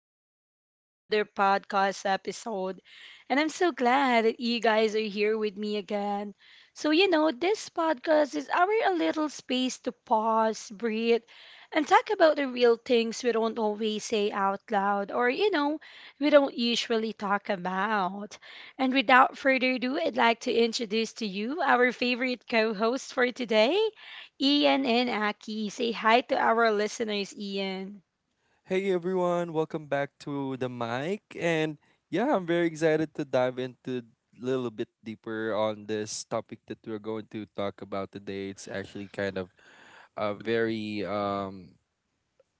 welcome back to another podcast episode. And I'm so glad that you guys are here with me again. So, you know, this podcast is our a little space to pause, breathe, and talk about the real things we don't always say out loud or we don't usually talk about. And without further ado, I'd like to introduce to you our favorite co host for today. Ian and Aki. Say hi to our listeners, Ian. Hey everyone, welcome back to the mic. And yeah, I'm very excited to dive into a little bit deeper on this topic that we're going to talk about today. It's actually kind of a very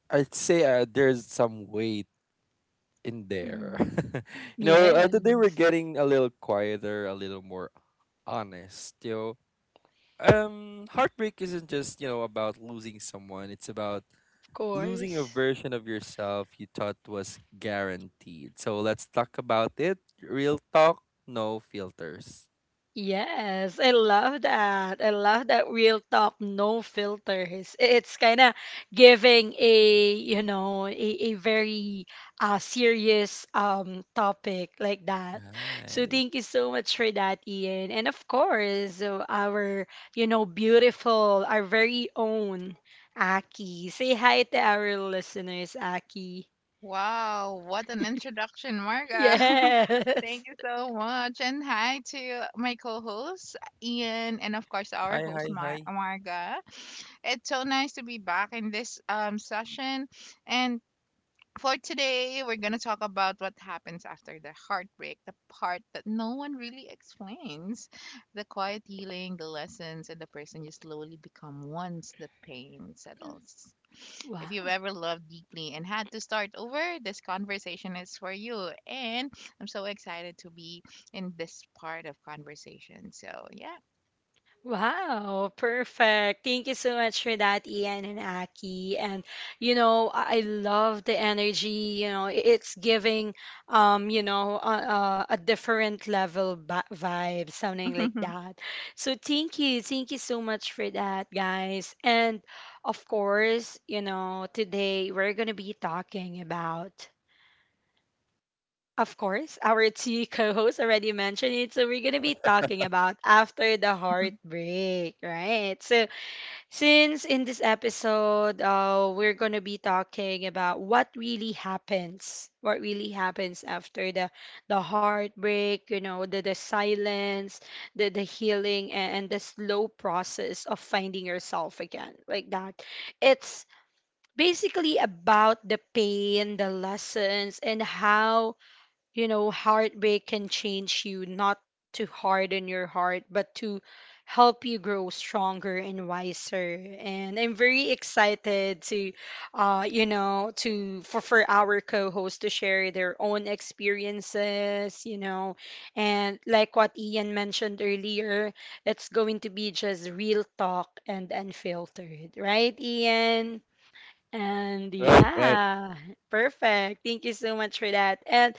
I'd say there's some weight in there. Mhm. Today we're Yes, getting a little quieter, a little more honest, you know. Heartbreak isn't just, you know, about losing someone. It's about of losing a course. version of yourself you thought was guaranteed. So let's talk about it. Real talk, no filters. Yes, I love that. I love that real talk, no filters. It's kind of giving a, you know, a very serious topic like that. So Hi. thank you so much for that, Ian. And of course, our, you know, beautiful, our very own Aki. Say hi to our listeners, Aki. Wow, what an introduction, Marga. Yes. Thank you so much. And hi to my co host, Ian, and of course, our Hi, hi, host, hi. Marga. It's so nice to be back in this session. And for today, we're going to talk about what happens after the heartbreak, the part that no one really explains, the quiet healing, the lessons, and the person you slowly become once the pain settles. If you've Wow. ever loved deeply and had to start over, this conversation is for you. And I'm so excited to be in this part of conversation. So, yeah. Wow, perfect. Thank you so much for that, Ian and Aki. And you know, I love the energy, you know, it's giving you know, a different level vibe, something like Mhm, that. So thank you. Thank you so much for that, guys. And of course, you know, today we're going to be talking about— of course, our two co-hosts already mentioned it, so we're gonna be talking about after the mhm, heartbreak, right? So since in this episode, we're going to be talking about what really happens after the heartbreak, you know, the silence, the healing, and the slow process of finding yourself again, like that. It's basically about the pain, the lessons, and how, you know, heartbreak can change you, not to harden your heart, but to help you grow stronger and wiser. And I'm very excited to, you know, to for our co-host to share their own experiences, you know, and like what Ian mentioned earlier, it's going to be just real talk and unfiltered, right, Ian? And Right, right. yeah, perfect. Thank you so much for that. And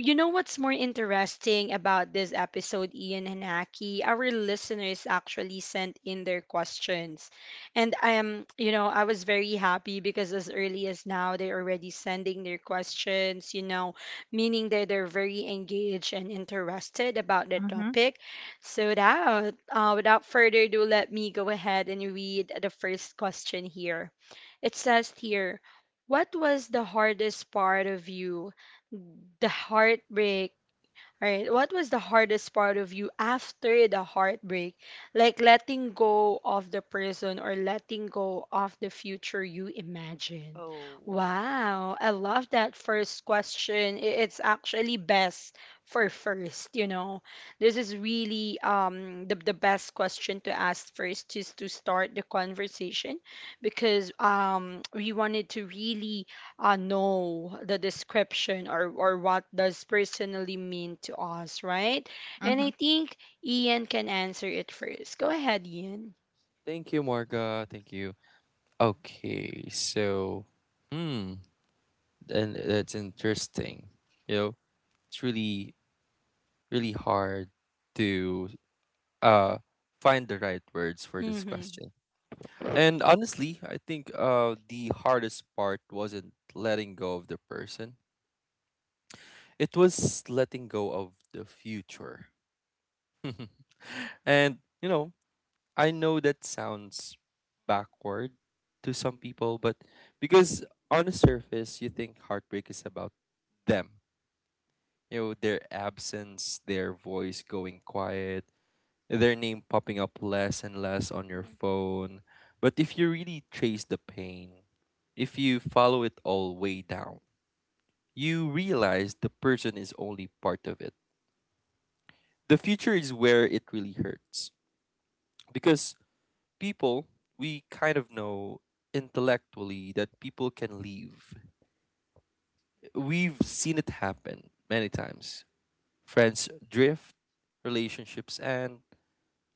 you know what's more interesting about this episode, Ian and Aki? Our listeners actually sent in their questions. And I am, you know, I was very happy because as early as now, they're already sending their questions, you know, meaning that they're very engaged and interested about the mhm. topic. So that, without further ado, let me go ahead and read the first question here. It says here, what was the hardest part of you the heartbreak. All right. What was the hardest part of you after the heartbreak? Like letting go of the person or letting go of the future you imagine. Oh. Wow. I love that first question. It's actually best for first, you know. This is really the best question to ask first just to start the conversation because we wanted to really know the description, or what does personally mean to us, right? And Mhm, I think Ian can answer it first. Go ahead, Ian. Thank you, Morga. Thank you. Okay, so, hmm, and that's interesting. You know, it's really, really hard to uh find the right words for this Mm-hmm. question. And honestly, I think the hardest part wasn't letting go of the person. It was letting go of the future. And, you know, I know that sounds backward to some people, but because on the surface, you think heartbreak is about them. You know, their absence, their voice going quiet, their name popping up less and less on your Mhm. phone. But if you really trace the pain, if you follow it all way down, you realize the person is only part of it. The future is where it really hurts, because people, we kind of know intellectually that people can leave. We've seen it happen many times. Friends drift, relationships end,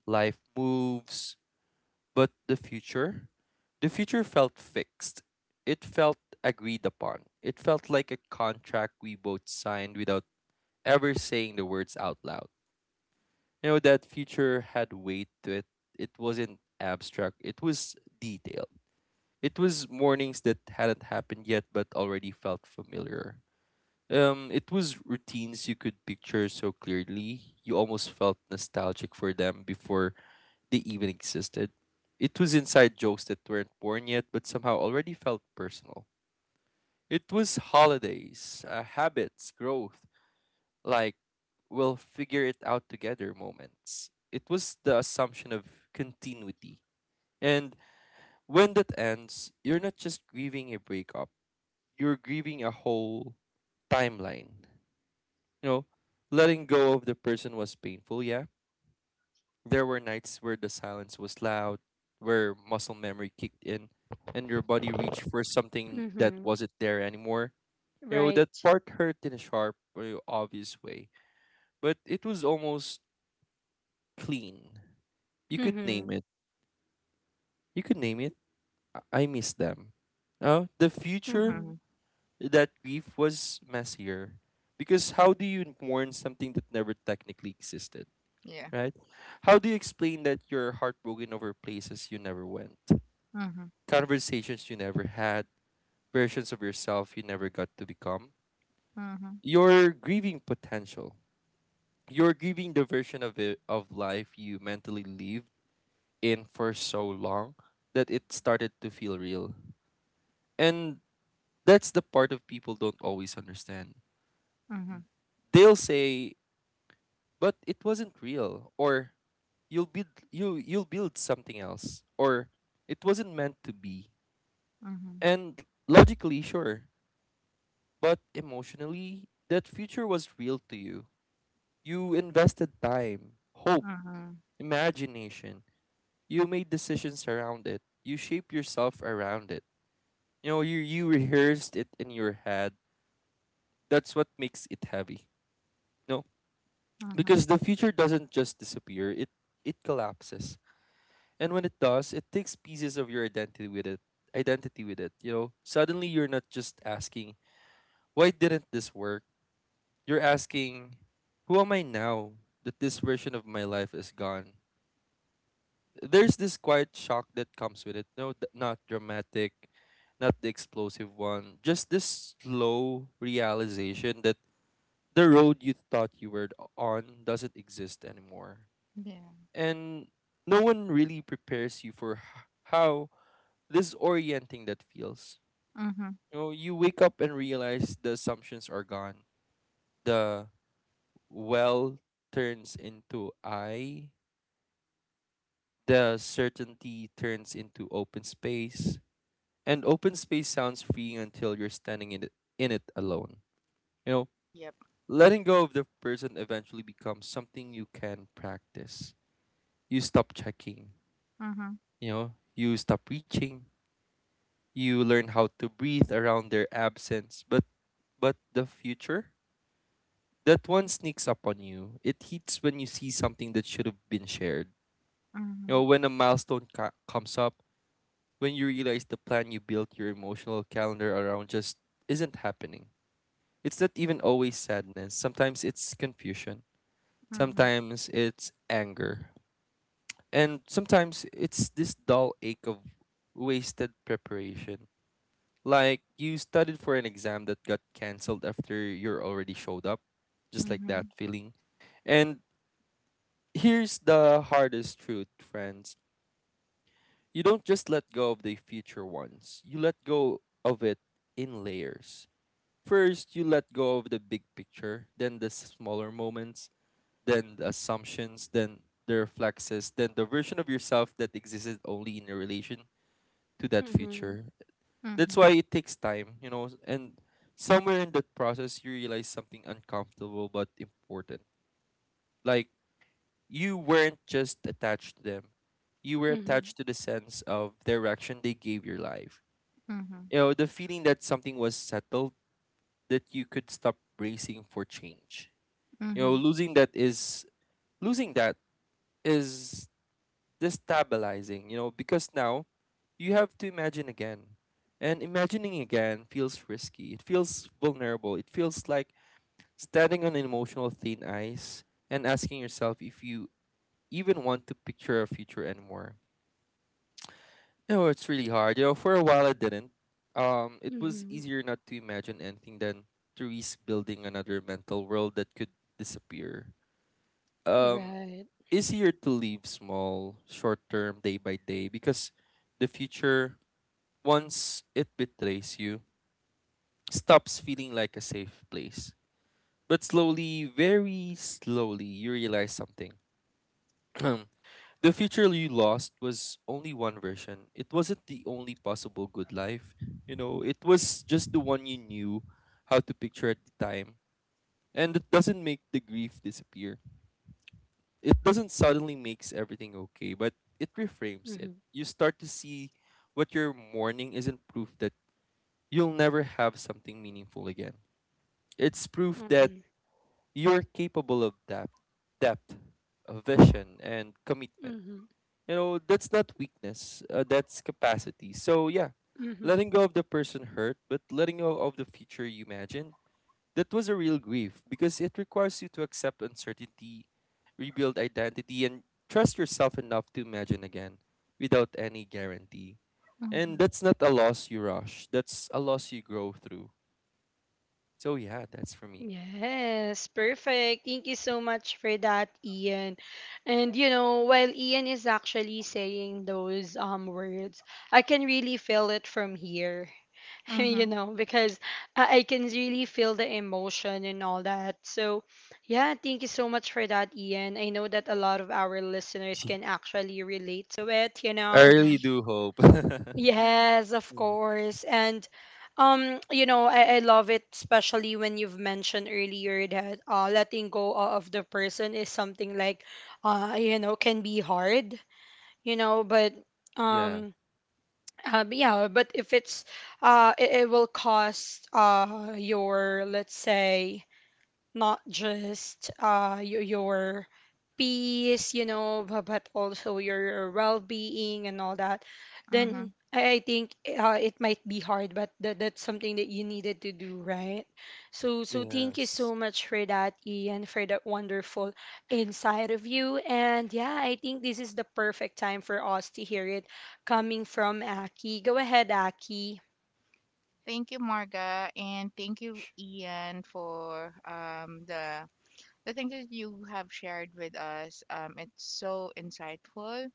life moves. But the future, the future felt fixed. It felt agreed upon. It felt like a contract we both signed without ever saying the words out loud. You know, that future had weight to it. It wasn't abstract, it was detailed. It was mornings that hadn't happened yet but already felt familiar. It was routines you could picture so clearly, you almost felt nostalgic for them before they even existed. It was inside jokes that weren't born yet but somehow already felt personal. It was holidays, habits, growth, like we'll figure it out together moments. It was the assumption of continuity. And when that ends, you're not just grieving a breakup, you're grieving a whole timeline. You know, letting go of the person was painful, yeah. There were nights where the silence was loud, where muscle memory kicked in, and your body reached for something that Mm-hmm. wasn't there anymore. You know, that Right. part hurt in a sharp, very obvious way, but it was almost clean. You could name Mm-hmm. it. You could name it. I miss them. The future, Mm-hmm. mhm. that grief was messier. Because how do you mourn something that never technically existed, Yeah. right? How do you explain that you're heartbroken over places you never went, Mhm, conversations you never had, versions of yourself you never got to become? mhm, You're grieving potential. You're grieving the version of it, of life you mentally lived in for so long that it started to feel real. And that's the part of people don't always understand. mhm, They'll say, "But it wasn't real," or "You'll build you you'll build something else," or "It wasn't meant to be." mhm, And logically, sure, but emotionally, that future was real to you. You invested time, hope, mhm, imagination. You made decisions around it. You shaped yourself around it. You know, you rehearsed it in your head. That's what makes it heavy. No, mhm. because the future doesn't just disappear, it collapses, and when it does it takes pieces of your identity with it. You know, suddenly you're not just asking why didn't this work, you're asking who am I now that this version of my life is gone. There's this quiet shock that comes with it. No, not dramatic, not the explosive one, just this slow realization that the road you thought you were on doesn't exist anymore. Yeah. And no one really prepares you for how disorienting that feels. Mhm. You know, you wake up and realize the assumptions are gone. The well turns into I, the certainty turns into open space, and open space sounds freeing until you're standing in it, alone. You know, Yep. letting go of the person eventually becomes something you can practice. You stop checking, Mhm. you know, you stop reaching. You learn how to breathe around their absence, but the future? That one sneaks up on you. It hits when you see something that should have been shared. You Mhm. know, when a milestone comes up, when you realize the plan you built your emotional calendar around just isn't happening. It's not even always sadness. Sometimes it's confusion. Mhm. Sometimes it's anger. And sometimes it's this dull ache of wasted preparation. Like you studied for an exam that got cancelled after you're already showed up, just like Mhm. that feeling. And here's the hardest truth, friends. You don't just let go of the future ones. You let go of it in layers. First, you let go of the big picture, then the smaller moments, then the assumptions, then the reflexes, then the version of yourself that existed only in a relation to that Mm-hmm. future. That's Mhm. why it takes time, you know, and somewhere in that process you realize something uncomfortable but important. Like you weren't just attached to them. You were Mm-hmm. attached to the sense of direction they gave your life. Mhm. You know, the feeling that something was settled, that you could stop bracing for change. You know, Mhm. losing that is losing that is destabilizing, you know, because now you have to imagine again. And imagining again feels risky. It feels vulnerable. It feels like standing on emotional thin ice and asking yourself if you even want to picture a future anymore. You know, it's really hard. You know, for a while I didn't. It was Mm-hmm. easier not to imagine anything than to risk building another mental world that could disappear. Um, Right. Easier to leave small, short term, day by day, because the future, once it betrays you, stops feeling like a safe place. But slowly, very slowly, you realize something. The future you lost was only one version. It wasn't the only possible good life. You know, it was just the one you knew how to picture at the time. And it doesn't make the grief disappear, it doesn't suddenly makes everything okay, but it reframes it. Mm-hmm. You start to see what you're mourning isn't proof that you'll never have something meaningful again. It's proof that Mm-hmm. you're capable of depth, depth, of vision, and commitment. Mm-hmm. You know, that's not weakness, that's capacity. So, yeah, letting Mm-hmm. go of the person hurt, but letting go of the future you imagined, that was a real grief because it requires you to accept uncertainty, rebuild identity, and trust yourself enough to imagine again without any guarantee. And Mhm. that's not a loss you rush, that's a loss you grow through. So, yeah, that's for me. Yes, perfect. Thank you so much for that, Ian. And you know, while Ian is actually saying those words, I can really feel it from here, Mhm. you know, because I can really feel the emotion and all that. So, yeah, thank you so much for that, Ian. I know that a lot of our listeners can actually relate to it, you I know. really Mhm. do hope. Yes, of Mhm. course. And you know, I love it, especially when you've mentioned earlier that letting go of the person is something like you know, can be hard, you know, Yeah. um but yeah, but if it's it, it will cost your, let's say, not just your peace, you know, but also your well-being and all that, Mhm. then I think it might be hard, but that that's something that you needed to do, right? So so thank you Yes. so much for that, Ian, for that wonderful insight of you. And yeah, I think this is the perfect time for us to hear it coming from Aki. Go ahead, Aki. Thank you, Marga, and thank you, Ian, for the things that you have shared with us. It's so insightful,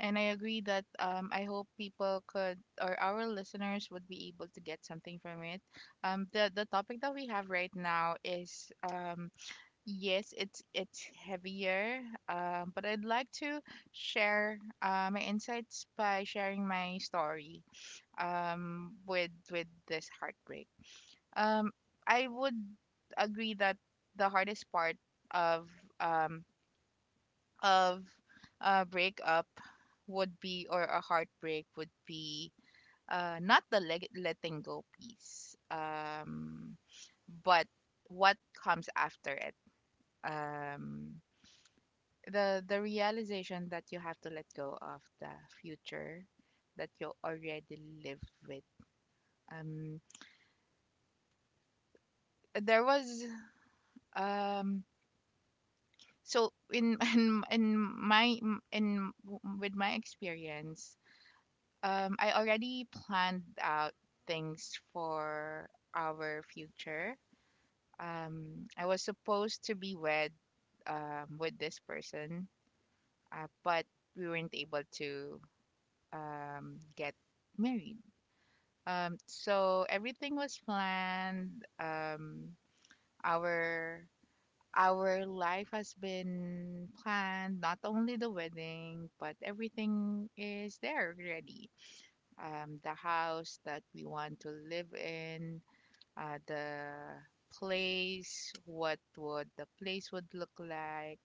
and I agree that I hope people could, or our listeners would be able to get something from it. The the topic that we have right now is um. Yes, it's heavier, but I'd like to share my insights by sharing my story, with this heartbreak. Um, I would agree that the hardest part of um, of a breakup would be, or a heartbreak would be, not the letting go piece, but what comes after it. Um, the the realization that you have to let go of the future that you already live with. Um there was um so, in in my in with my experience, I already planned out things for our future. I was supposed to be wed with this person, but we weren't able to get married. So everything was planned. Our our life has been planned. Not only the wedding, but everything is there already. The house that we want to live in, the place, what would the place would look like,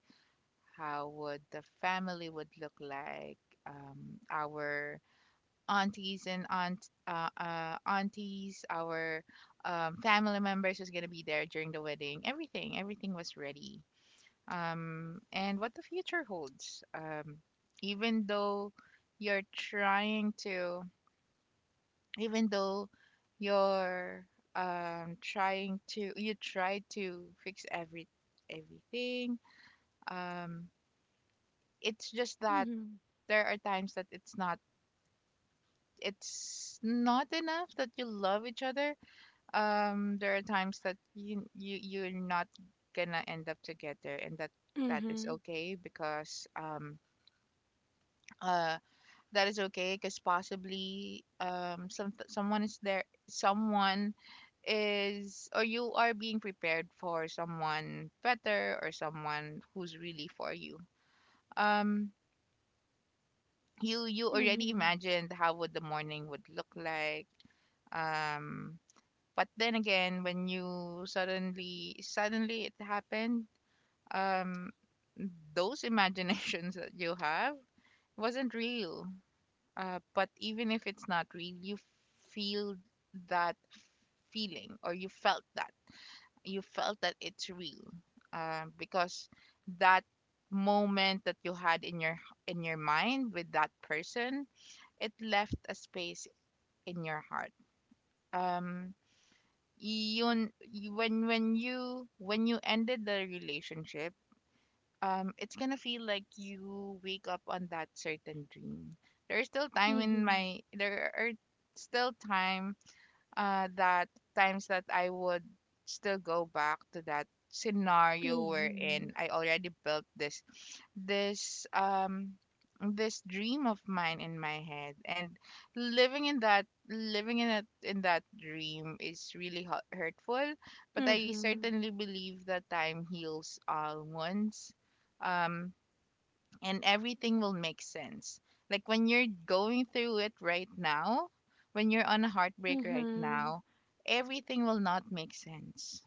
how would the family would look like, our aunties and aunt aunties, our family members was gonna be there during the wedding. Everything, everything was ready. And what the future holds, um, even though you're trying to, even though you're trying to, you try to fix everything, um, it's just that Mm-hmm. there are times that it's not, it's not enough that you love each other. There are times that you you're not gonna end up together, and that, that is Mm-hmm. okay because uh that is okay because possibly, um, someone is there, someone is, or you are being prepared for someone better, or someone who's really for you. um you, you already Mm-hmm. imagined how would the morning would look like, um, but then again, when you suddenly it happened, um, those imaginations that you have wasn't real. But even if it's not real, you feel that feeling, or you felt that. You felt that it's real, because that moment that you had in your, in your mind with that person, it left a space in your heart. Um, yun, when you ended the relationship, it's gonna feel like you wake up on that certain dream. There are still time, that times that I would still go back to that scenario Mm-hmm. wherein I already built this, this um this dream of mine in my head, and living in that, living in that, in that dream is really hurtful. But I Mm-hmm. certainly believe that time heals all wounds, um, and everything will make sense. Like, when you're going through it right now, when you're on a heartbreak right Mm-hmm. now, everything will not make sense.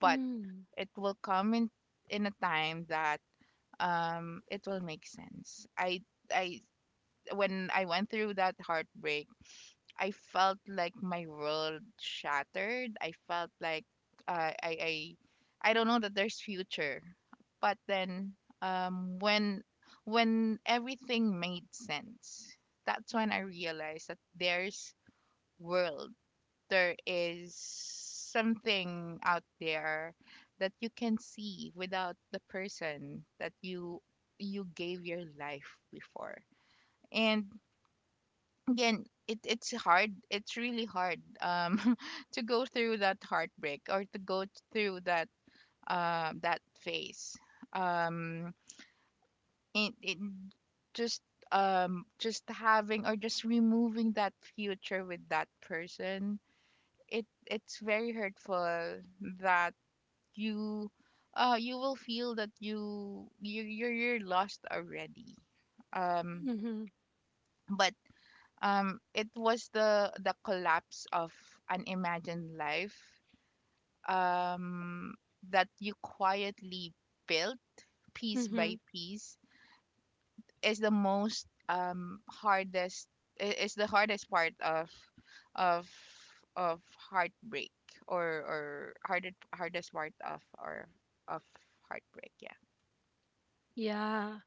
But Mm. it will come in a time that, um, it will make sense. I When I went through that heartbreak, I felt like my world shattered. I felt like, uh, I I I don't know that there's future. But then, um, when when everything made sense, that's when I realized that there's world. There is something out there that you can see without the person that you gave your life before. And again, it's hard, it's really hard, um, to go through that heartbreak, or to go through that, that phase, um, it just, um, just having, or just removing that future with that person, it's very hurtful that you you will feel that you're lost already, um, Mm-hmm. but um, it was the collapse of an imagined life, um, that you quietly built piece by Mm-hmm. piece is the most, um, is the hardest part of of of heartbreak, or hardest hardest part of or of heartbreak, yeah. Yeah.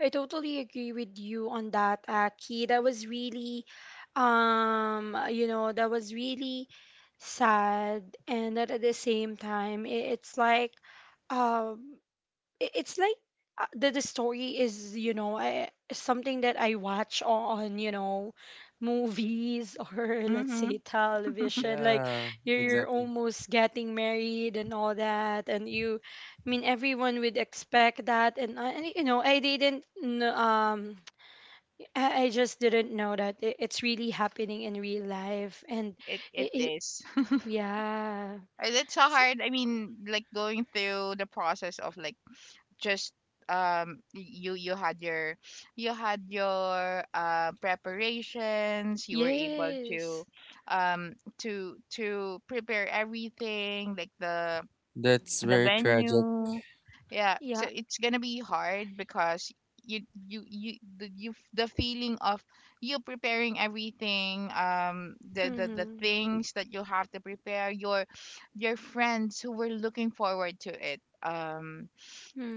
I totally agree with you on that, Aki. That was really you know, that was really sad, and that at the same time it, it's like um it's like the story is, you know, something that I watch on, you know, movies or let's Mm-hmm. say television, like Yeah, you're exactly. almost getting married and all that, and you— I mean everyone would expect that, and you know I just didn't know that it, it's really happening in real life and It it— is. yeah. It's so hard. I mean, like, going through the process of, like, just, um, you you had your you had your, preparations. You were able to, Yes. um, to prepare everything, like the That's the very tragic. venue. Yeah, so Yeah. it's gonna be hard because you you the, you, f- the feeling of you preparing everything, um, the Mhm. things that you have to prepare, your friends who were looking forward to it, um,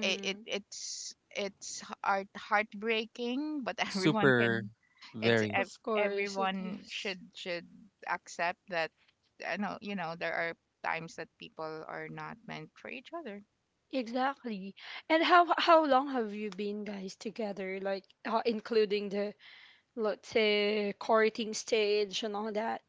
it's heart, heartbreaking. But everyone Super, can, very. Of course it everyone is. should accept that. I know, you know, there are times that people are not meant for each other. Exactly. And how long have you been guys together? Like including the, let's say, courting stage and all that.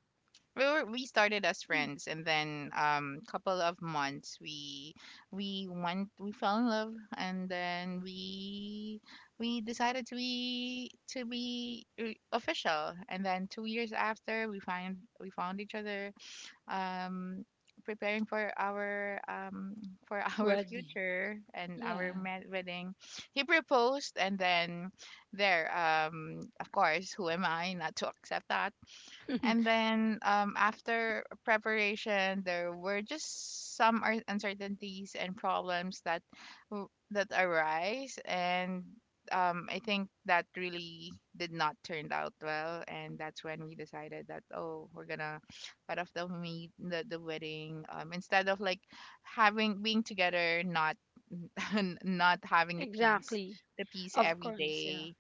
We we started as Mm. friends, and then, um, couple of months, we fell in love, and then we decided to be, to be, official. And then 2 years after, we found each other, um, preparing for our, for our Wedding. future and our Yeah. Wedding. He proposed, and then there, of course, who am I not to accept that? And then, after preparation, there were just some uncertainties and problems that, that arise, and, I think that really did not turn out well. And that's when we decided that, oh, we're gonna cut off the wedding, instead of, like, having, being together, not not having a piece, Exactly. the piece Of every course, yeah. day.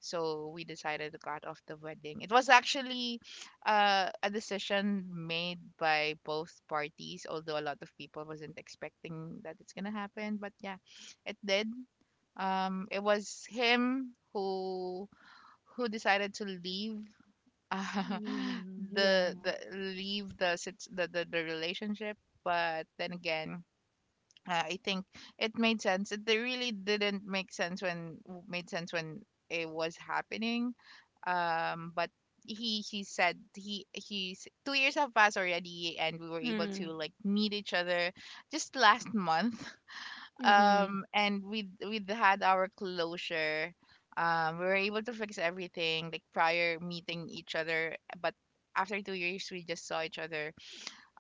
So we decided to cut off the wedding. It was actually, a decision made by both parties, although a lot of people wasn't expecting that it's gonna happen, but yeah, it did. Um, it was him who decided to leave, uh, Mm, the yeah. the leave the sit- the relationship. But then again, I think it made sense. It, they really didn't make sense when, made sense when it was happening. But he said he he's 2 years have passed already, and we were Yeah. able to, Mm, like, meet each other just last month. mm, and we had our closure. We were able to fix everything, like, prior meeting each other, but after 2 years, we just saw each other,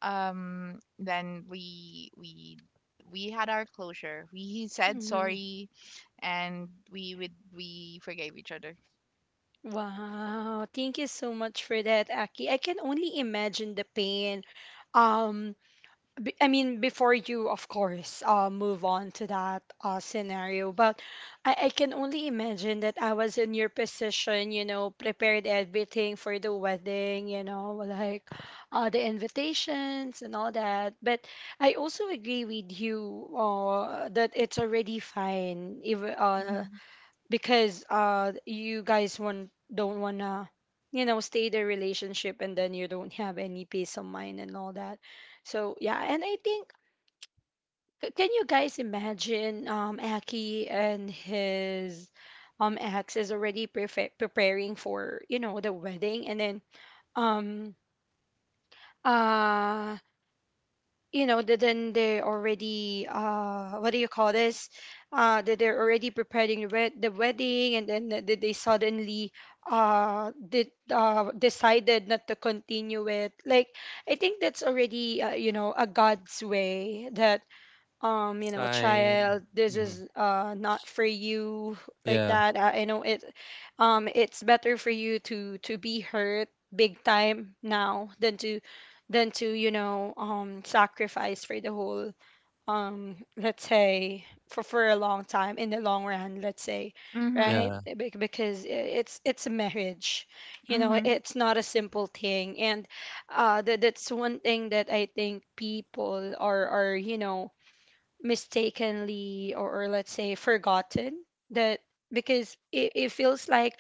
um, then we had our closure. We said mm. sorry, and we forgave each other. Wow. Thank you so much for that, Aki. I can only imagine the pain um I mean, before you, of course, move on to that scenario, but I can only imagine that I was in your position, you know, prepared everything for the wedding, you know, like the invitations and all that. But I also agree with you that it's already fine, even, Mhm. because you guys want don't wanna, you know, stay the relationship and then you don't have any peace of mind and all that. So yeah, and I think, can you guys imagine Aki and his ex is already preparing for, you know, the wedding and then um uh you know that then they're already what do you call this, that they're already preparing the wedding, and then they suddenly did decided not to continue it. Like, I think that's already you know, a god's way that you know, Sign. child, this Hmm. is not for you, like Yeah. that. I know it, it's better for you to be hurt big time now than to than to, you know, sacrifice for the whole let's say, for a long time in the long run, let's say, Mhm. right? Yeah. Because it's a marriage, you know, Mhm. it's not a simple thing, and that, that's one thing that I think people are, you know, mistakenly or let's say, forgotten. That because it feels like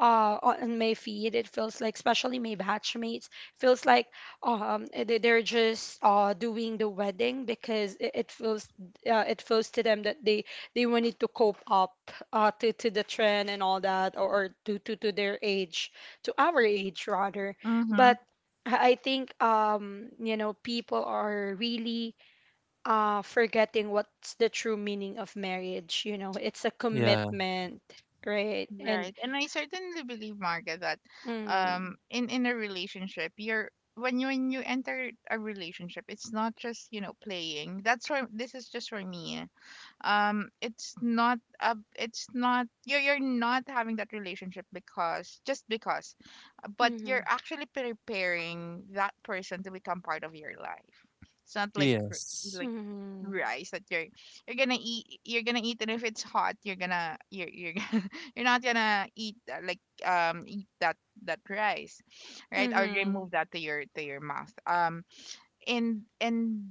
on my feed it feels like, especially my batchmates feels like they're just doing the wedding because it, it feels to them that they wanted to cope up to the trend and all that, or to their age, to our age rather. Mhm. But I think you know, people are really forgetting what's the true meaning of marriage. You know, it's a Yeah. commitment, right? And Right. And I certainly believe, Marga, that, um, mm, in a relationship, you're when you enter a relationship, it's not just, you know, playing, that's for, this is just for me. Um, it's not a, it's not, you're, you're not having that relationship because just because, but you're mm, actually preparing that person to become part of your life. It's not like Yes. like mm, rice that you're gonna eat, you're gonna eat, and if it's hot, you're gonna, you're gonna, you're not gonna eat, like, um, eat that, that rice, right, or mm, remove that to your, to your mouth. Um, in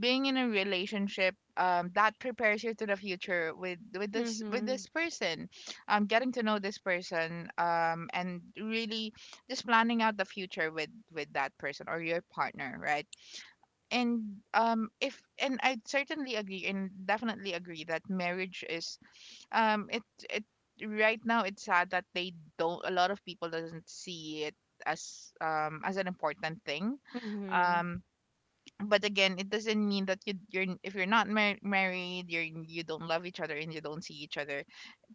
being in a relationship, that prepares you to the future with this, with mm, this person, um, getting to know this person, um, and really just planning out the future with that person, or your partner, right? And, um, if, and I certainly agree and definitely agree that marriage is, um, it, right now, it's sad that they don't, a lot of people doesn't see it as, um, as an important thing, mm, um, but again, it doesn't mean that you you're if you're not married, you don't love each other, and you don't see each other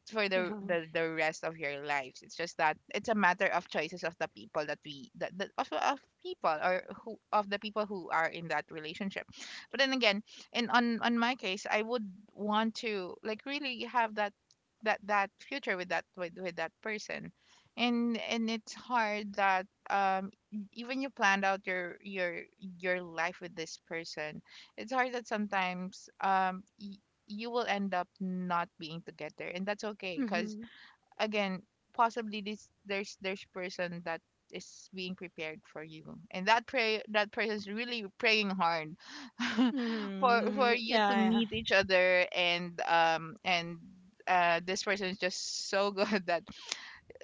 for yeah, the rest of your lives. It's just that it's a matter of choices of the people that we, of people, or who, of the people who are in that relationship. But then again, in, on my case, I would want to, like, really have that, that, that future with that, with that person. And it's hard that, um, e, even you planned out your, your life with this person. It's hard that sometimes you will end up not being together, and that's okay because mm, again, possibly this there's person that is being prepared for you, and that pray that person is really praying hard for mm, you to yeah, meet each other. And this person is just so good that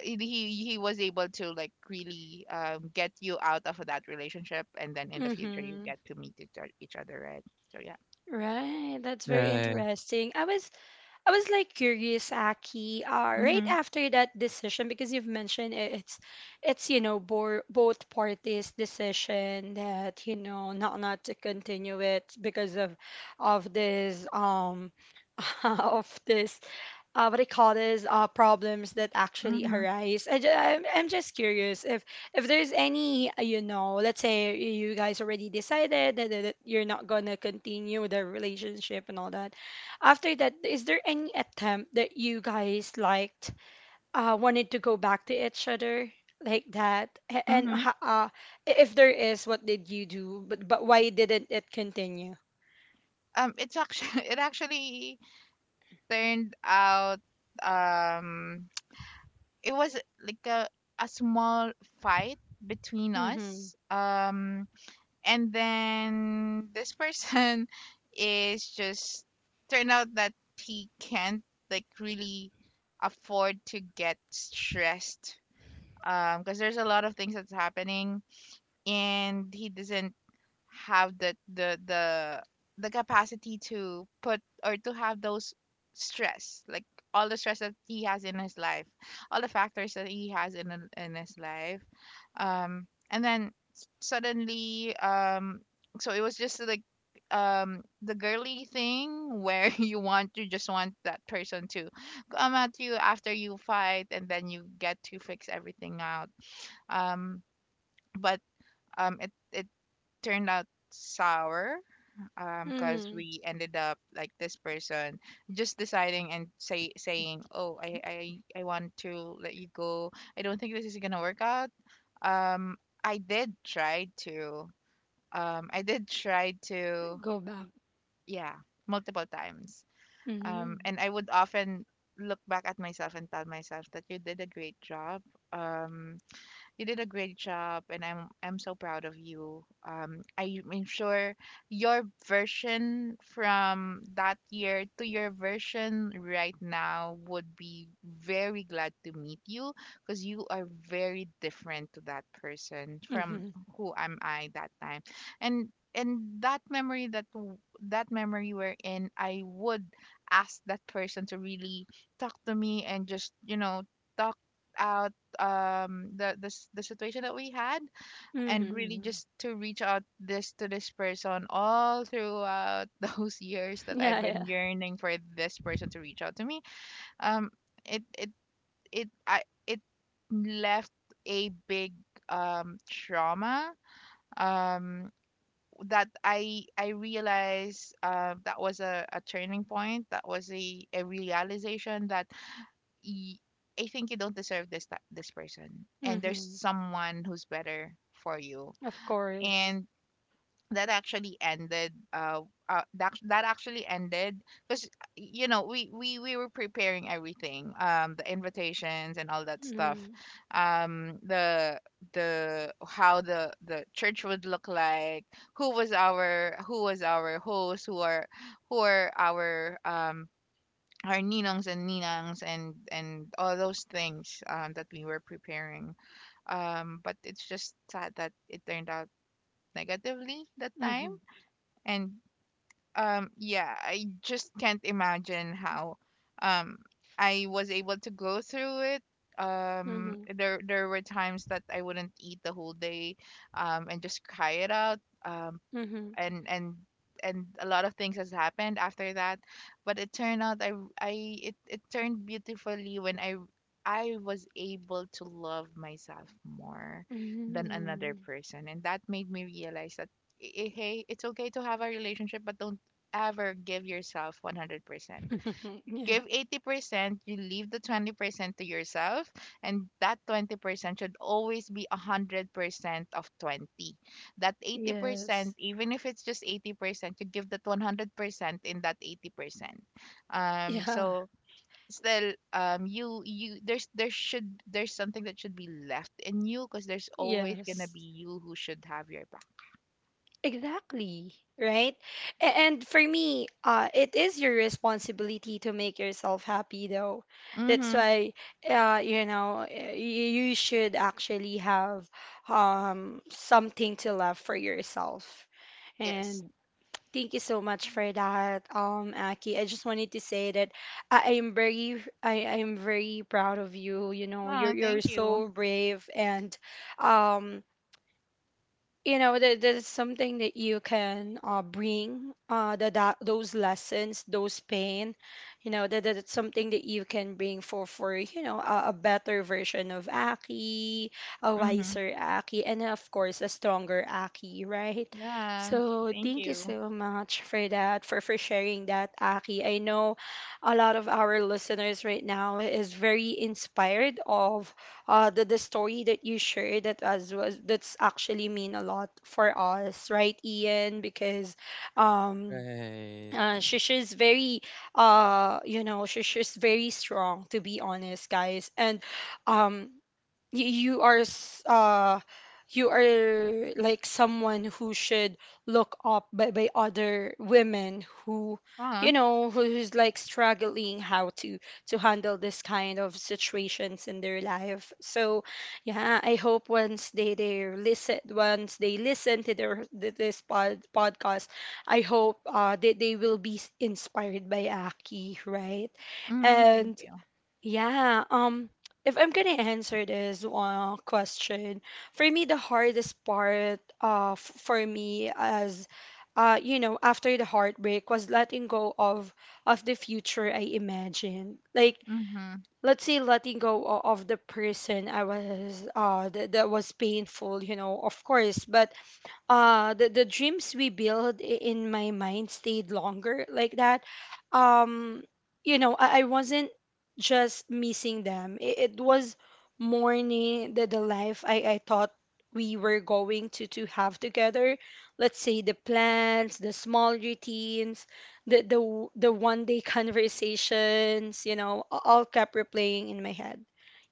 he was able to like really get you out of that relationship, and then in the future you mm, get to meet each other, right? So yeah. right, that's very Right. interesting. I was like curious, Aki, right Mhm. after that decision, because you've mentioned it, it's you know, bo- both parties' decision that you know not not to continue it because of this of this what I call this problems that actually Mhm. arise. I'm just curious if there's any you know, let's say you guys already decided that, that that you're not gonna continue the relationship and all that. After that, is there any attempt that you guys liked wanted to go back to each other? Like that. And Mhm. If there is, what did you do, but why didn't it continue? It's actually it actually turned out, um it was like a small fight between Mm-hmm. us. And then this person is just turned out that he can't like really afford to get stressed, because there's a lot of things that's happening, and he doesn't have the capacity to put or to have those stress, like all the stress that he has in his life, all the factors that he has in his life. um suddenly it was just like, the girly thing where you just want that person to come at you after you fight, and then you get to fix everything out. Um but It turned out sour, because Mm-hmm. we ended up like, this person just deciding and saying, oh, I want to let you go, I don't think this is gonna work out. um i did try to I did try to, Go back. yeah, multiple times. Mm-hmm. And I would often look back at myself and tell myself that you did a great job. um you did a great job, and I'm so proud of you. I am sure your version from that year to your version right now would be very glad to meet you, because you are very different to that person from Mm-hmm. who am I that time. And and that memory that w- that memory we're in, I would ask that person to really talk to me and just you know talk out the situation that we had, and really Mm-hmm. just to reach out this to this person all throughout those years that I've Yeah, yeah. been yearning for this person to reach out to me. Um it it it I it left a big trauma, um that I realized, that was a turning point, that was a realization that y- I think you don't deserve this person, and there's Mhm. someone who's better for you. Of course. And that actually ended. That actually ended, because you know we were preparing everything, the invitations and all that stuff, Mhm. The how the church would look like, who was our host, who are our ninongs and ninangs, and all those things, that we were preparing. But it's just sad that it turned out negatively that time. Mhm. And yeah, I just can't imagine how, um, I was able to go through it. Mhm. There were times that I wouldn't eat the whole day, and just cry it out. Mhm. and and and a lot of things has happened after that, but it turned out it turned beautifully when I was able to love myself more than another Mhm. person. And that made me realize that hey, it's okay to have a relationship, but don't ever give yourself 100%. Yeah. Give 80%, you leave the 20% to yourself, and that 20% should always be 100% of 20. That 80%, Yes. even if it's just 80%, you give that 100% in that 80%. Yeah. So still you there's something that should be left in you, because there's always gonna Yes. be you who should have your back. Exactly. Right? And for me, it is your responsibility to make yourself happy though. That's Mm-hmm. why you know, you should actually have something to love for yourself. Yes. And thank you so much for that, Aki. I just wanted to say that I am very proud of you. You know, Oh, you're thank you. so brave, and um, you know there's something that you can bring the, that those lessons, those pain, you know, that that's something that you can bring for a better version of Aki, a Mm-hmm. wiser Aki, and of course a stronger Aki, right? Yeah, So thank thank you you. so much for that, for sharing that, Aki. I know a lot of our listeners right now is very inspired of the story that you shared. That as was That's actually mean a lot for us, right, Ian? Because um Right. She's very she's very strong, to be honest, guys. And um you you are like someone who should look up by other women who, uh you know, who's like struggling how to handle this kind of situations in their life. So yeah, I hope once they listen, once they listen to their podcast, I hope they will be inspired by Aki, right? mm-hmm. Thank And you. yeah, if I'm gonna answer this question, for me, the hardest part for me as, you know, after the heartbreak was letting go of the future I imagined. Like, Mm-hmm. let's say letting go of the person I was, that was painful, you know, of course, but the dreams we build in my mind stayed longer like that. um you know, I wasn't just missing them, it was mourning the life I thought we were going to have together. Let's say the plans, the small routines, the one day conversations, you know, all kept replaying in my head,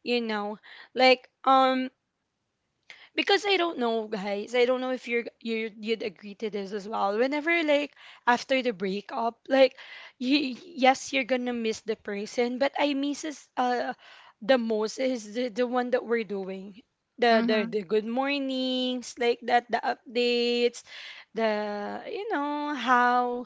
you know, like because I don't know, guys. I don't know if you'd agree to this as well. Whenever, like, after the breakup, like, yes, you're gonna miss the person, but I misses the most is the one that we're doing. Mm-hmm. The good mornings, like that, the updates, the, you know, how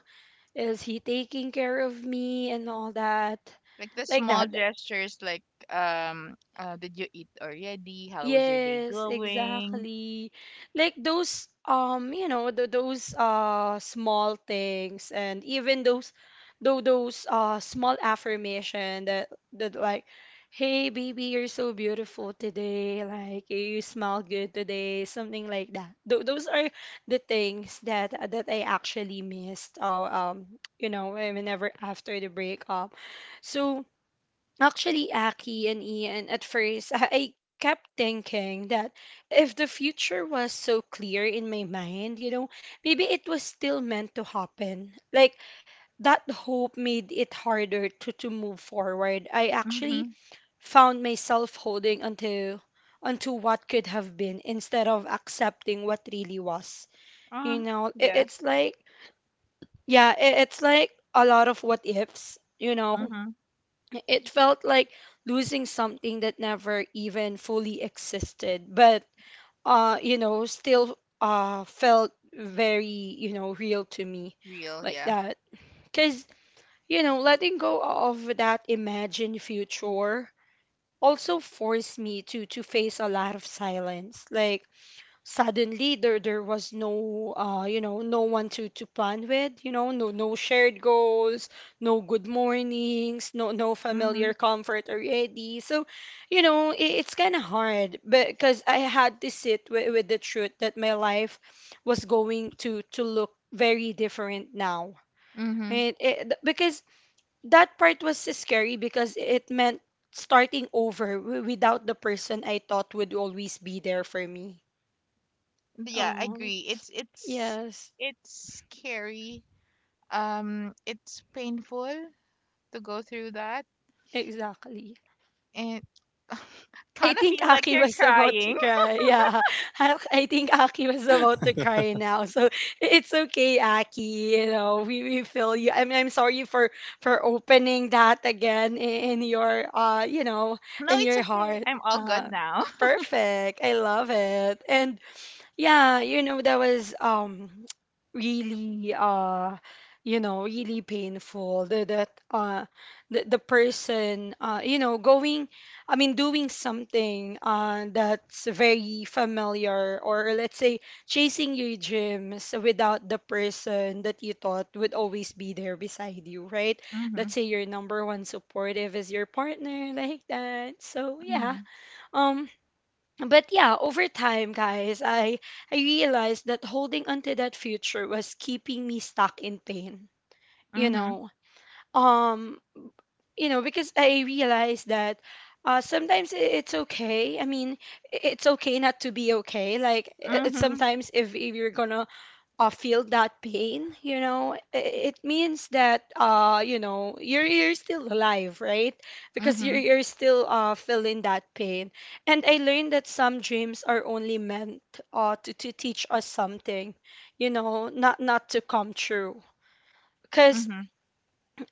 is he taking care of me and all that, Like the like small that. gestures, like, did you eat already? How was your day Yes, going? exactly. Like those, you know, th those small things, and even those though those small affirmation that that like, hey baby, you're so beautiful today, like, you smell good today, something like that. Th Those are the things that I actually missed, you know, whenever after the breakup. So actually, Aki and Ian, at first, I kept thinking that if the future was so clear in my mind, you know, maybe it was still meant to happen. Like, that hope made it harder to move forward. I actually Mm-hmm. found myself holding onto what could have been instead of accepting what really was. You Ah, know, yeah. it's like, yeah, it's like a lot of what ifs, you know. Mm-hmm. It felt like losing something that never even fully existed, but you know, still felt very, you know, real to me, Real, like yeah. that. Cause, you know, letting go of that imagined future also forced me to face a lot of silence. Like suddenly there was no no one to plan with, you know, no shared goals, no good mornings, no Mm-hmm. familiar comfort already. So you know, it's kind of hard because I had to sit with the truth that my life was going to look very different now. Mm-hmm. And it, because that part was scary because it meant starting over without the person I thought would always be there for me. Yeah, I Um, agree. Yes, It's scary. It's painful to go through that, exactly. and I kind of think feel like Aki you're was about to crying. cry. Yeah, I think Aki was about to cry now. So it's okay, Aki. You know, we feel you. I'm sorry for opening that again in your, uh, you know, No, in it's your okay. heart. I'm all good Uh, now. perfect. I love it. And yeah, you know, that was really you know, really painful. The person, you know, going, I mean, doing something that's very familiar, or let's say chasing your dreams without the person that you thought would always be there beside you, right? Mm-hmm. Let's say your number one supportive is your partner, like that. So yeah. Um but yeah, over time, guys, I realized that holding onto that future was keeping me stuck in pain. You Mm-hmm. know, um, you know, because I realized that sometimes it's okay. I mean, it's okay not to be okay. Like it's Mm-hmm. sometimes if you're gonna feel that pain, you know, it means that, uh, you know, you're still alive, right? Because Mm-hmm. you're still feeling that pain. And I learned that some dreams are only meant to teach us something, you know, not to come true, because Mm-hmm.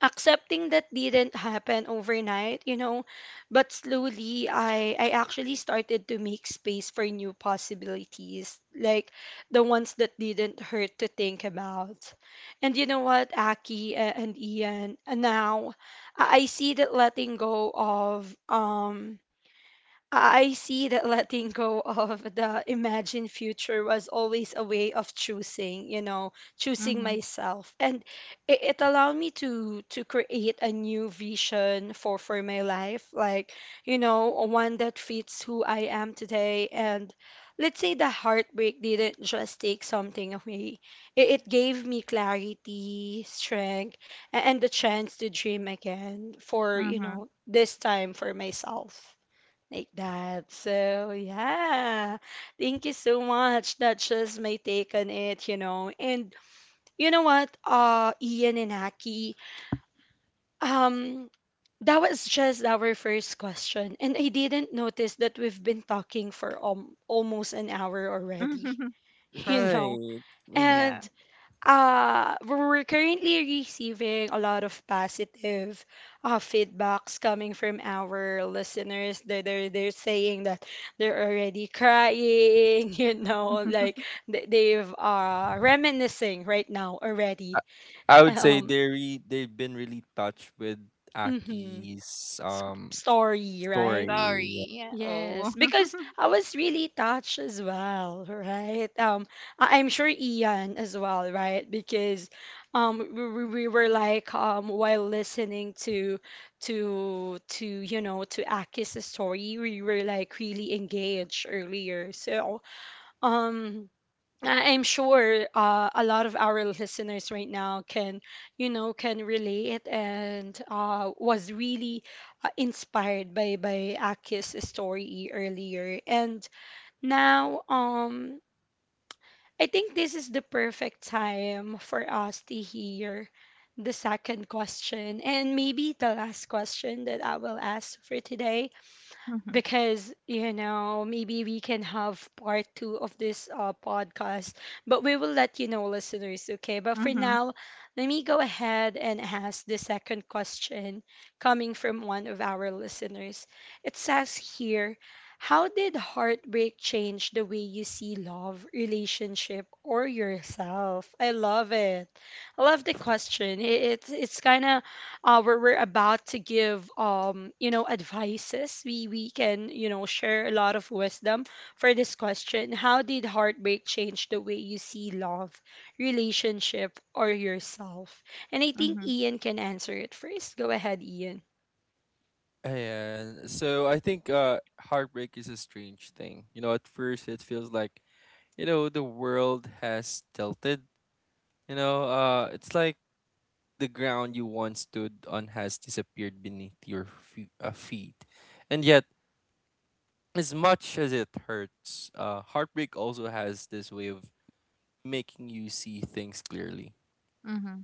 accepting that didn't happen overnight, you know, but slowly I actually started to make space for new possibilities, like the ones that didn't hurt to think about. And you know what, Aki and Ian, now I see that letting go of the imagined future was always a way of choosing, you know, choosing Mm-hmm. myself. And it allowed me to create a new vision for my life, like, you know, one that fits who I am today. And let's say the heartbreak didn't just take something away. It gave me clarity, strength, and the chance to dream again for, you Mm-hmm. know, this time for myself, like that. So yeah, thank you so much. That's just my take on it, you know. And you know what, Ian and Aki, um, that was just our first question. And I didn't notice that we've been talking for, almost an hour already, you know. Right. Mm-hmm. Yeah, And we're currently receiving a lot of positive feedbacks coming from our listeners. They're saying that they're already crying, you know, like they've, reminiscing right now I, already. I would say Um, they're they've been really touched with mhm. Aki's s- Story, right? story. sorry. Yeah. Oh. Yes, because I was really touched as well, right? I'm sure Ian as well, right? Because we were like, while listening to you know, to Aki's story, we were like really engaged earlier. So um. I'm sure, a lot of our listeners right now can, you know, can relate and, was really inspired by Aki's story earlier. And now, I think this is the perfect time for us to hear the second question, and maybe the last question that I will ask for today, Mhm, because, you know, maybe we can have part two of this, podcast, but we will let you know, listeners, okay? But for mhm, now, let me go ahead and ask the second question coming from one of our listeners. It says here, how did heartbreak change the way you see love, relationship, or yourself? I love it. I love the question. It's kind of, where we're about to give, um, you know, advices. We can, you know, share a lot of wisdom for this question. How did heartbreak change the way you see love, relationship, or yourself? And I think mhm, Ian can answer it first. Go ahead, Ian. And so I think heartbreak is a strange thing. You know, at first it feels like, you know, the world has tilted. You know, it's like the ground you once stood on has disappeared beneath your feet. And yet as much as it hurts, heartbreak also has this way of making you see things clearly. mhm,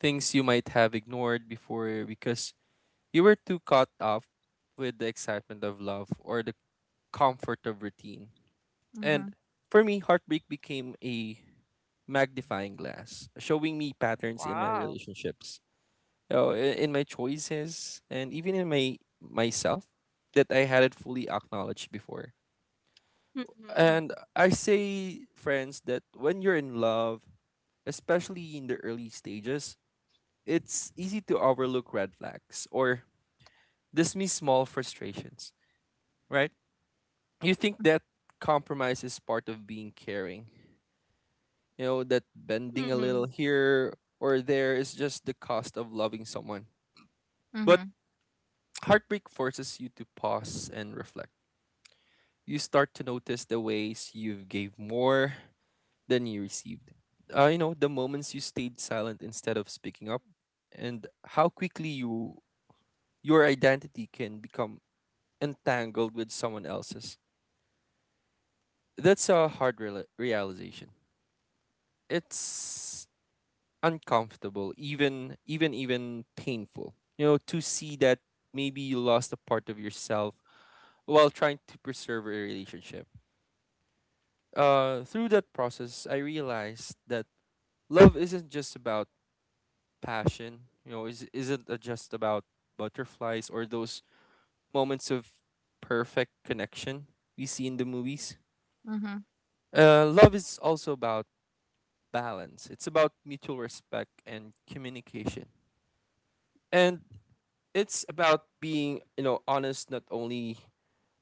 Things you might have ignored before because you were too caught up with the excitement of love or the comfort of routine. mhm. And for me, heartbreak became a magnifying glass, showing me patterns in my Wow. relationships, you know, in my choices, and even in my myself that I hadn't fully acknowledged before. Mhm. And I say, friends, that when you're in love, especially in the early stages, it's easy to overlook red flags or dismiss small frustrations, right? You think that compromise is part of being caring, you know, that bending a little Mhm. here or there is just the cost of loving someone. But Mhm, heartbreak forces you to pause and reflect. You start to notice the ways you've gave more than you received. You know, the moments you stayed silent instead of speaking up, and how quickly you your identity can become entangled with someone else's. That's a hard realization. It's uncomfortable, even painful. You know, to see that maybe you lost a part of yourself while trying to preserve a relationship. Through that process, I realized that love isn't just about passion? You know, is isn't it just about butterflies or those moments of perfect connection we see in the movies? mhm, Love is also about balance. It's about mutual respect and communication, and it's about being you know honest not only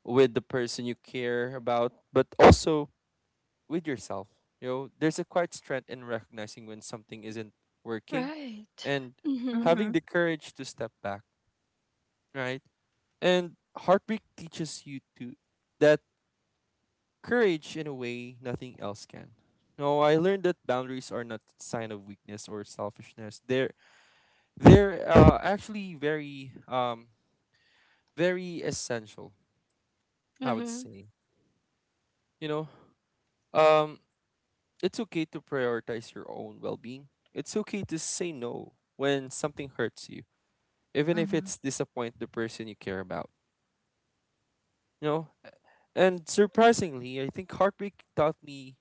with the person you care about but also with yourself. You know, there's a quiet strength in recognizing when something isn't working, Right. and Mhm. having mhm, the courage to step back, right? And heartbreak teaches you to that courage in a way nothing else can. No, I learned that boundaries are not a sign of weakness or selfishness. They're actually very, very essential, I would Mhm. say. You know, um, it's okay to prioritize your own well-being. It's okay to say no when something hurts you, even if mhm. it's disappoint the person you care about. You know, and surprisingly, I think heartbreak taught me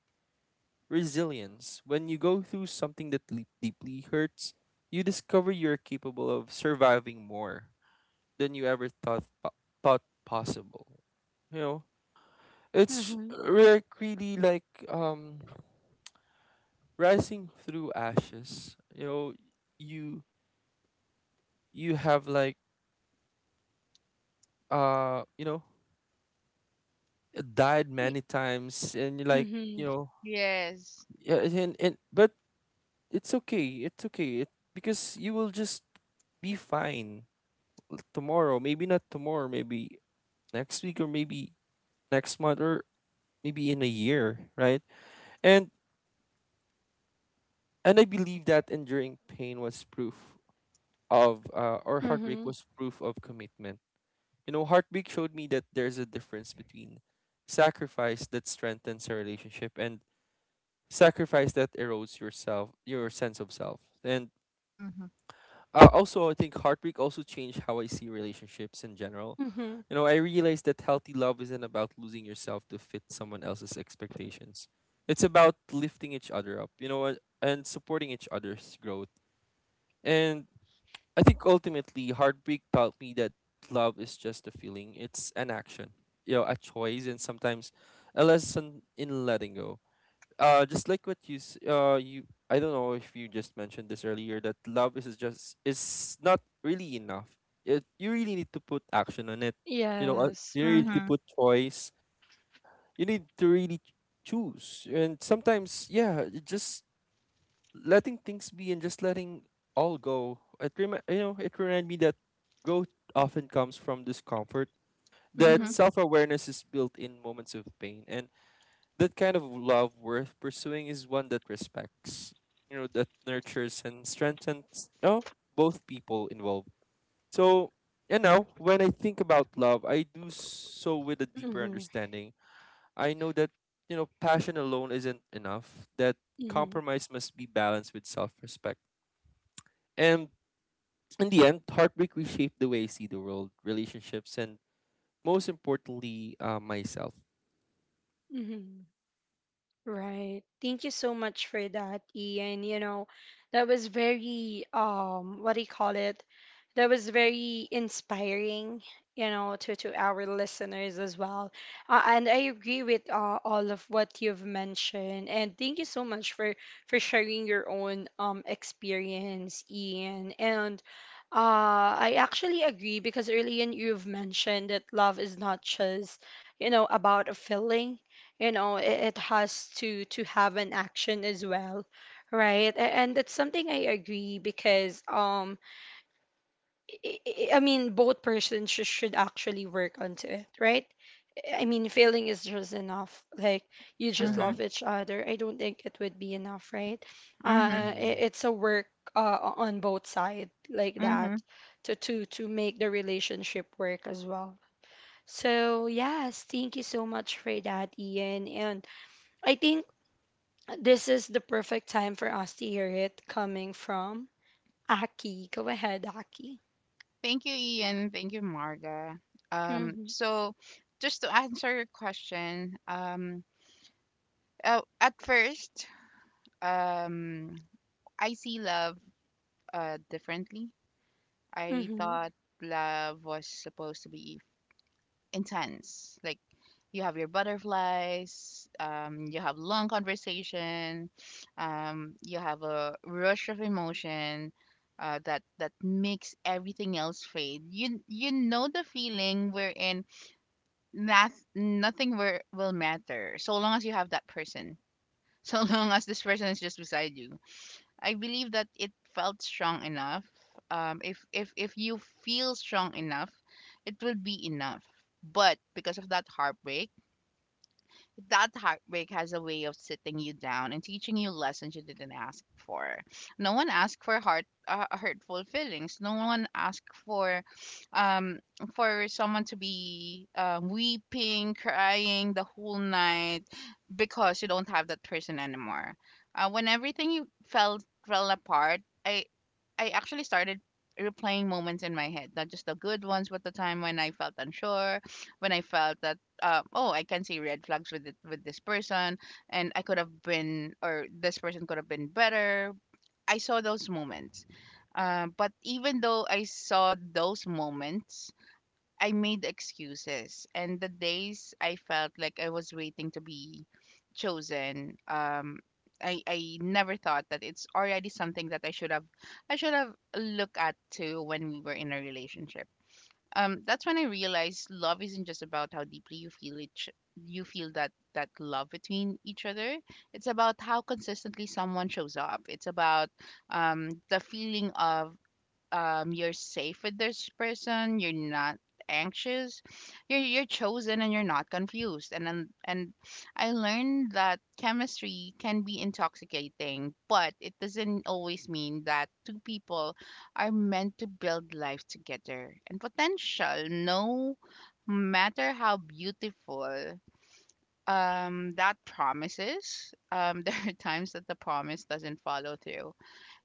resilience. When you go through something that deeply hurts, you discover you're capable of surviving more than you ever thought possible. You know, it's Mhm. like really like rising through ashes. You know, you you have like uh you know died Y- many times and you like, you mhm. know. Yes. Yeah, and but it's okay, it's okay, it, because you will just be fine tomorrow, maybe not tomorrow, maybe next week or maybe next month or maybe in a year, right? And and I believe that enduring pain was proof of or heartbreak Mhm. was proof of commitment. You know, heartbreak showed me that there's a difference between sacrifice that strengthens a relationship and sacrifice that erodes yourself, your sense of self. And Mhm, uh, also, I think heartbreak also changed how I see relationships in general. Mhm. You know, I realized that healthy love isn't about losing yourself to fit someone else's expectations. It's about lifting each other up, you know, and supporting each other's growth. And I think ultimately, heartbreak taught me that love is just a feeling, it's an action, you know, a choice, and sometimes a lesson in letting go, uh, just like what you I don't know if you just mentioned this earlier, that love is just is not really enough. It, you really need to put action on it. You know, Yeah. you really need Right. to mhm, put choice. You need to really choose. And sometimes, yeah, just letting things be and just letting all go. It you know, it reminded me that growth often comes from discomfort, that mhm, Mhm. self awareness is built in moments of pain, and that kind of love worth pursuing is one that respects, you know, that nurtures and strengthens, oh, both people involved. So, you know, when I think about love, I do so with a deeper Mhm. understanding. I know that, you know, passion alone isn't enough, that Mhm. compromise must be balanced with self respect. And in the end, heartbreak reshaped the way I see the world, relationships, and most importantly, myself. Mhm. Right. Thank you so much for that, Ian. You know, that was very, um, what do you call it? That was very inspiring, you know, to our listeners as well. And I agree with, all of what you've mentioned. And thank you so much for sharing your own, um, experience, Ian. And uh, I actually agree because earlier you've mentioned that love is not just, you know, about a feeling. You know, it has to have an action as well, right? And that's something I agree, because, um, I, I mean, both persons should actually work onto it, right? I mean, failing is just enough, like, you just mhm, Right. love each other, I don't think it would be enough, right? mhm, Uh, I Hmm. it's a work, on both sides, like that, mhm. to make the relationship work as well. So yes, thank you so much for that, Ian. And I think this is the perfect time for us to hear it coming from Aki. Go ahead, Aki. Thank you, Ian. Thank you, Marga. Mhm. So just to answer your question, at first, um, I see love differently. I Mhm. thought love was supposed to be intense. Like you have your butterflies, you have long conversation, you have a rush of emotion, that that makes everything else fade. You know the feeling wherein that nothing were, will matter so long as you have that person. So long as this person is just beside you. I believe that it felt strong enough. If you feel strong enough, it will be enough. But because of that heartbreak has a way of sitting you down and teaching you lessons you didn't ask for. No one asked for heart hurtful feelings. No one asked um for someone to be weeping, crying the whole night because you don't have that person anymore. When everything you felt fell apart, I actually started replaying moments in my head, not just the good ones, but the time when I felt unsure, when I felt that, oh, I can see red flags with it, with this person, and I could have been, or this person could have been better. I saw those moments. But even though I saw those moments, I made excuses, and the days I felt like I was waiting to be chosen, I never thought that it's already something that I should have looked at too when we were in a relationship. That's when I realized love isn't just about how deeply you feel that that love between each other. It's about how consistently someone shows up. It's about the feeling of you're safe with this person, you're not anxious, you're chosen, and you're not confused. And I learned that chemistry can be intoxicating, but it doesn't always mean that two people are meant to build life together. And potential, no matter how beautiful, that promises, there are times that the promise doesn't follow through.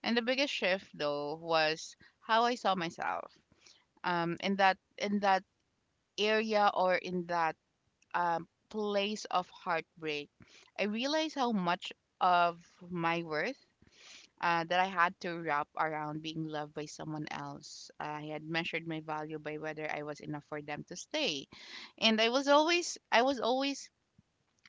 And the biggest shift though was how I saw myself, in that area, or in that, place of heartbreak. I realized how much of my worth, that I had to wrap around being loved by someone else. I had measured my value by whether I was enough for them to stay, and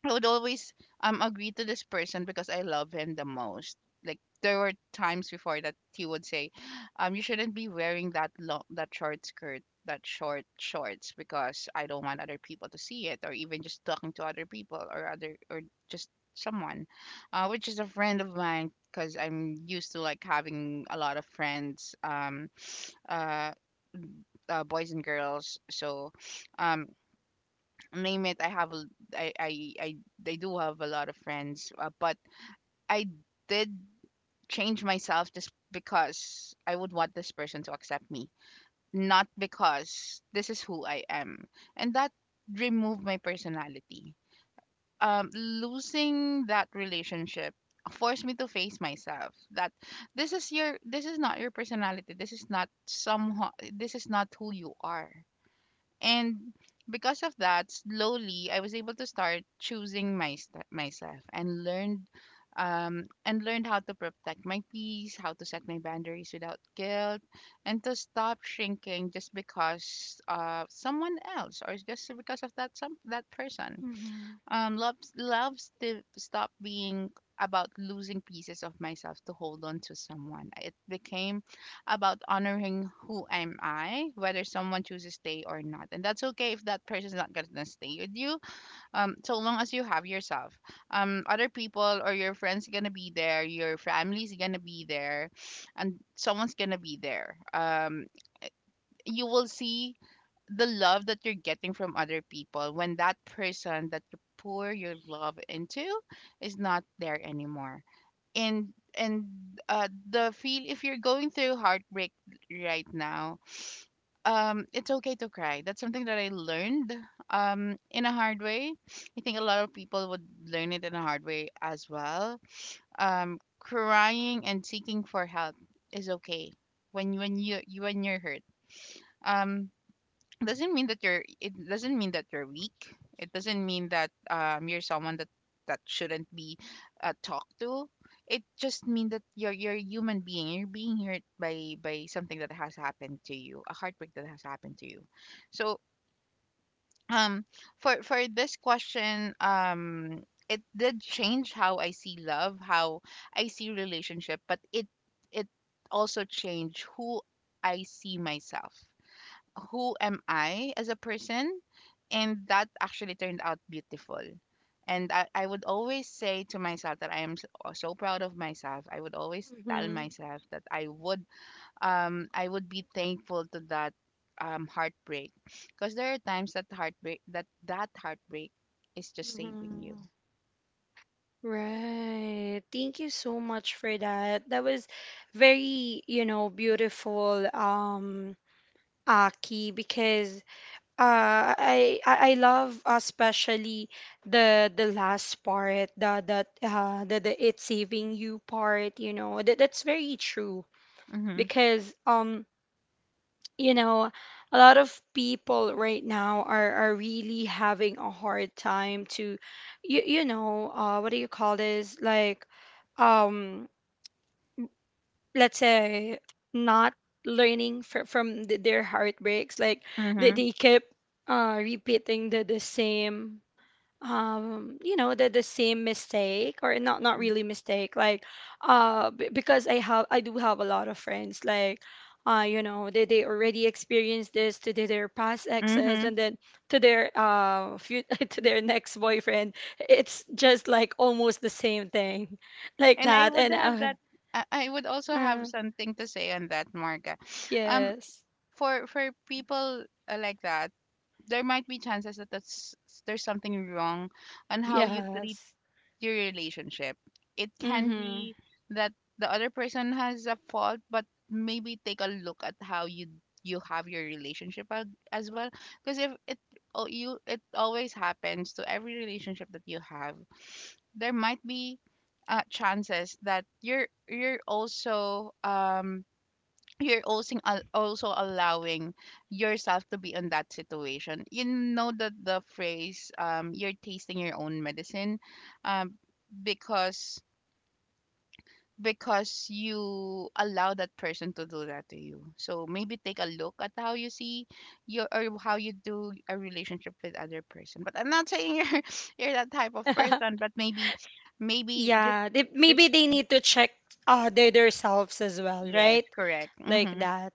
I would always, um, agree to this person because I love him the most. Like there were times before that he would say, you shouldn't be wearing that long, that short skirt, that short shorts, because I don't want other people to see it, or even just talking to other people or just someone, which is a friend of mine, because I'm used to like having a lot of friends, uh, boys and girls. So, um, name it, I, I i I do have a lot of friends, but I did change myself just because I would want this person to accept me, not because this is who I am. And that removed my personality. Um, losing that relationship forced me to face myself that this is your, this is not your personality, this is not somehow, this is not who you are. And because of that, slowly I was able to start choosing myself, and learned, how to protect my peace, how to set my boundaries without guilt, and to stop shrinking just because someone else, or just because of that some that person. Mhm. Stopped being about losing pieces of myself to hold on to someone. It became about honoring who am I, whether someone chooses to stay or not. And that's okay if that person's not gonna stay with you. So long as you have yourself. Other people or your friends gonna be there, your family's gonna be there, and someone's gonna be there. You will see the love that you're getting from other people when that person that you pour your love into is not there anymore. And and the feel, if you're going through heartbreak right now, um, it's okay to cry. That's something that I learned, um, in a hard way. I think a lot of people would learn it in a hard way as well. Um, crying and seeking for help is okay when you when you're hurt. Um, doesn't mean that you're it doesn't mean that you're weak, it doesn't mean that, um, you're someone that that shouldn't be, talked to. It just means that you're a human being, you're being hurt by something that has happened to you, a heartbreak that has happened to you. So, um, for this question, um, it did change how I see love, how I see relationship, but it also changed who I see myself, who am I as a person. And that actually turned out beautiful. And I would always say to myself that I am so, so proud of myself. I would always tell Mhm. myself that I would, um, I would be thankful to that, um, heartbreak, because there are times that heartbreak that that heartbreak is just saving you. Mhm. Right. Thank you so much for that. That was very, you know, beautiful, um, Aki, because I love, especially the last part, the it's saving you part, you know. That that's very true Mhm. because, um, you know, a lot of people right now are really having a hard time to, you know, what do you call this? Like, um, let's say not learning their heartbreaks. Like Mhm. they keep, uh, repeating the same, um, you know, the same mistake, or not not really mistake, like, uh, because I have, I do have a lot of friends like, uh, you know, they already experienced this to their past exes, Mm-hmm. and then to their, uh, few, to their next boyfriend it's just like almost the same thing like And that. I would have And that. I would also uh, uh, have something to say on that, Marga. Um, yes. For people, like that, there might be chances that there's something wrong on how you treat Yes. your relationship. It can Mhm. be that the other person has a fault, but maybe take a look at how you have your relationship as well. Because if it, oh, you, it always happens to every relationship that you have, there might be, chances that you're also um, also allowing yourself to be in that situation. You know that the phrase, um, you're tasting your own medicine, um because because you allow that person to do that to you. So maybe take a look at how you see your, or how you do a relationship with other person. But I'm not saying you're you're that type of person, but maybe maybe just Yeah, they, maybe just they need to check, uh, their themselves as well, yes, right? correct. Like Mhm. that,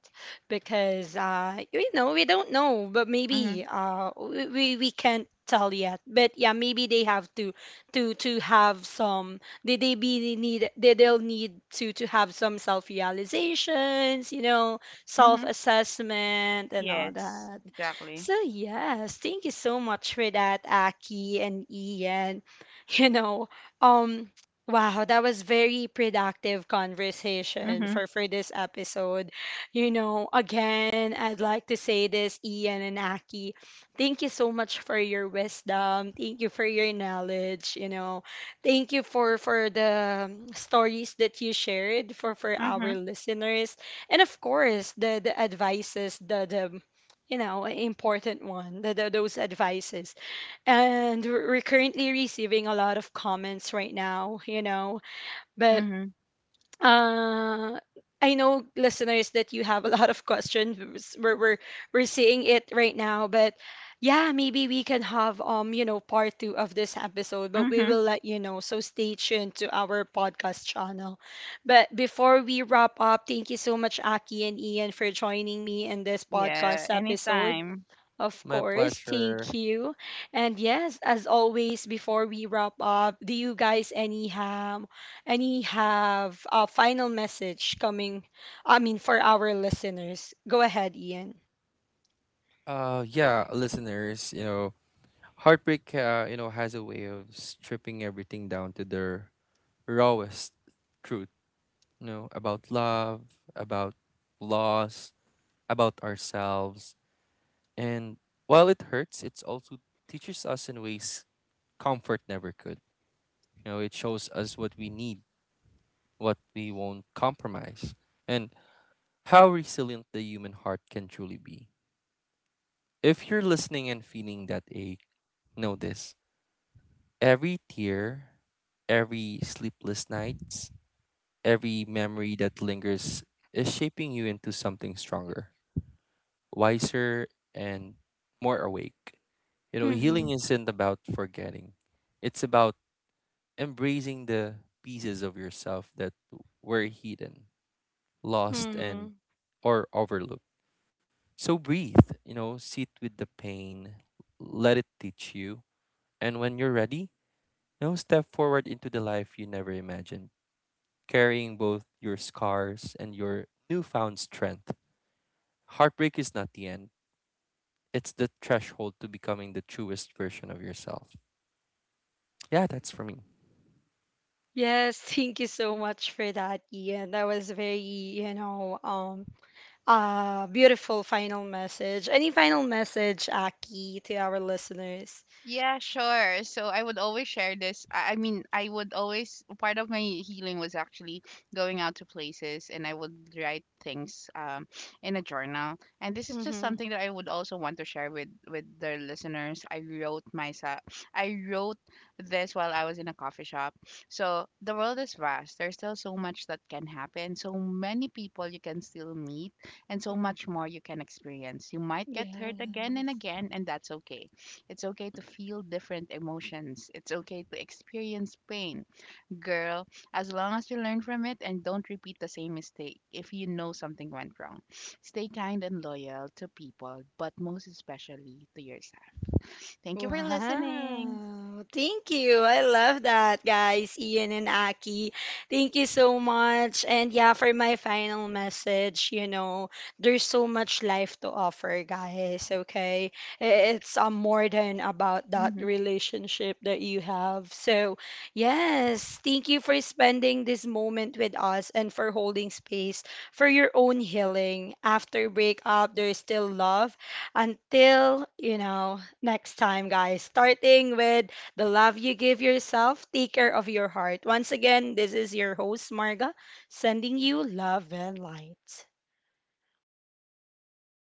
because, uh, you know, we don't know, but Mhm. maybe, uh, we can't tell yet. But yeah, maybe they have to have some. They'll need to have some self realizations, you know, self Mhm. assessment and all Yes, that. exactly. So yes, thank you so much for that, Aki and Ian. You know, um, wow, that was very productive conversation Mhm. for this episode. You know, again, I'd like to say this, Ian and Aki, thank you so much for your wisdom. Thank you for your knowledge, you know. Thank you for the, stories that you shared for our Mhm. listeners. And of course, the advices, the, you know, important one, those advices. And we're currently receiving a lot of comments right now, you know, but, Mhm. uh, I know, listeners, that you have a lot of questions. We're seeing it right now, but yeah, maybe we can have, um, you know, part 2 of this episode, but we Mhm. will let you know, so stay tuned to our podcast channel. But before we wrap up, thank you so much, Aki and Ian, for joining me in this Yeah. podcast episode. Anytime. Of My course, thank pleasure. you. And yes, as always, before we wrap up, do you guys any have a final message coming? I mean, for our listeners, go ahead, Ian. Yeah, listeners, you know, heartbreak, you know, has a way of stripping everything down to their rawest truth, you know, about love, about loss, about ourselves. And while it hurts, it also teaches us in ways comfort never could. You know, it shows us what we need, what we won't compromise, and how resilient the human heart can truly be. If you're listening and feeling that ache, know this: every tear, every sleepless night, every memory that lingers is shaping you into something stronger, wiser, and more awake. You know, healing Mm-hmm. isn't about forgetting, it's about embracing the pieces of yourself that were hidden, lost, and Mm-hmm. or overlooked. So breathe, you know, sit with the pain, let it teach you, and when you're ready, you know, step forward into the life you never imagined, carrying both your scars and your newfound strength. Heartbreak is not the end, it's the threshold to becoming the truest version of yourself. Yeah, that's for me. Yes, thank you so much for that, Ian. That was very, you know, beautiful final message. Any final message, Aki, to our listeners? Yeah, sure. So I would always share this. I would always, part of my healing was actually going out to places, and I would write things, in a journal. And this is just Mm-hmm. something that I would also want to share with the listeners. I wrote myself, I wrote this while I was in a coffee shop. So the world is vast. There's still so much that can happen. So many people you can still meet, and so much more you can experience. You might get Yeah. hurt again and again, and that's okay. It's okay to feel different emotions, it's okay to experience pain. Girl, as long as you learn from it and don't repeat the same mistake, if you know something went wrong, stay kind and loyal to people, but most especially to yourself. Thank you for listening. Wow. Thank you. I love that, guys. Ian and Aki. Thank you so much. And yeah, for my final message, you know, there's so much life to offer, guys. Okay. I- It's, more than about that Mhm. relationship that you have. So, yes, thank you for spending this moment with us and for holding space for your own healing. After breakup, there's still love until, you know, next time, guys. Starting with the love you give yourself, take care of your heart. Once again, this is your host, Marga, sending you love and light.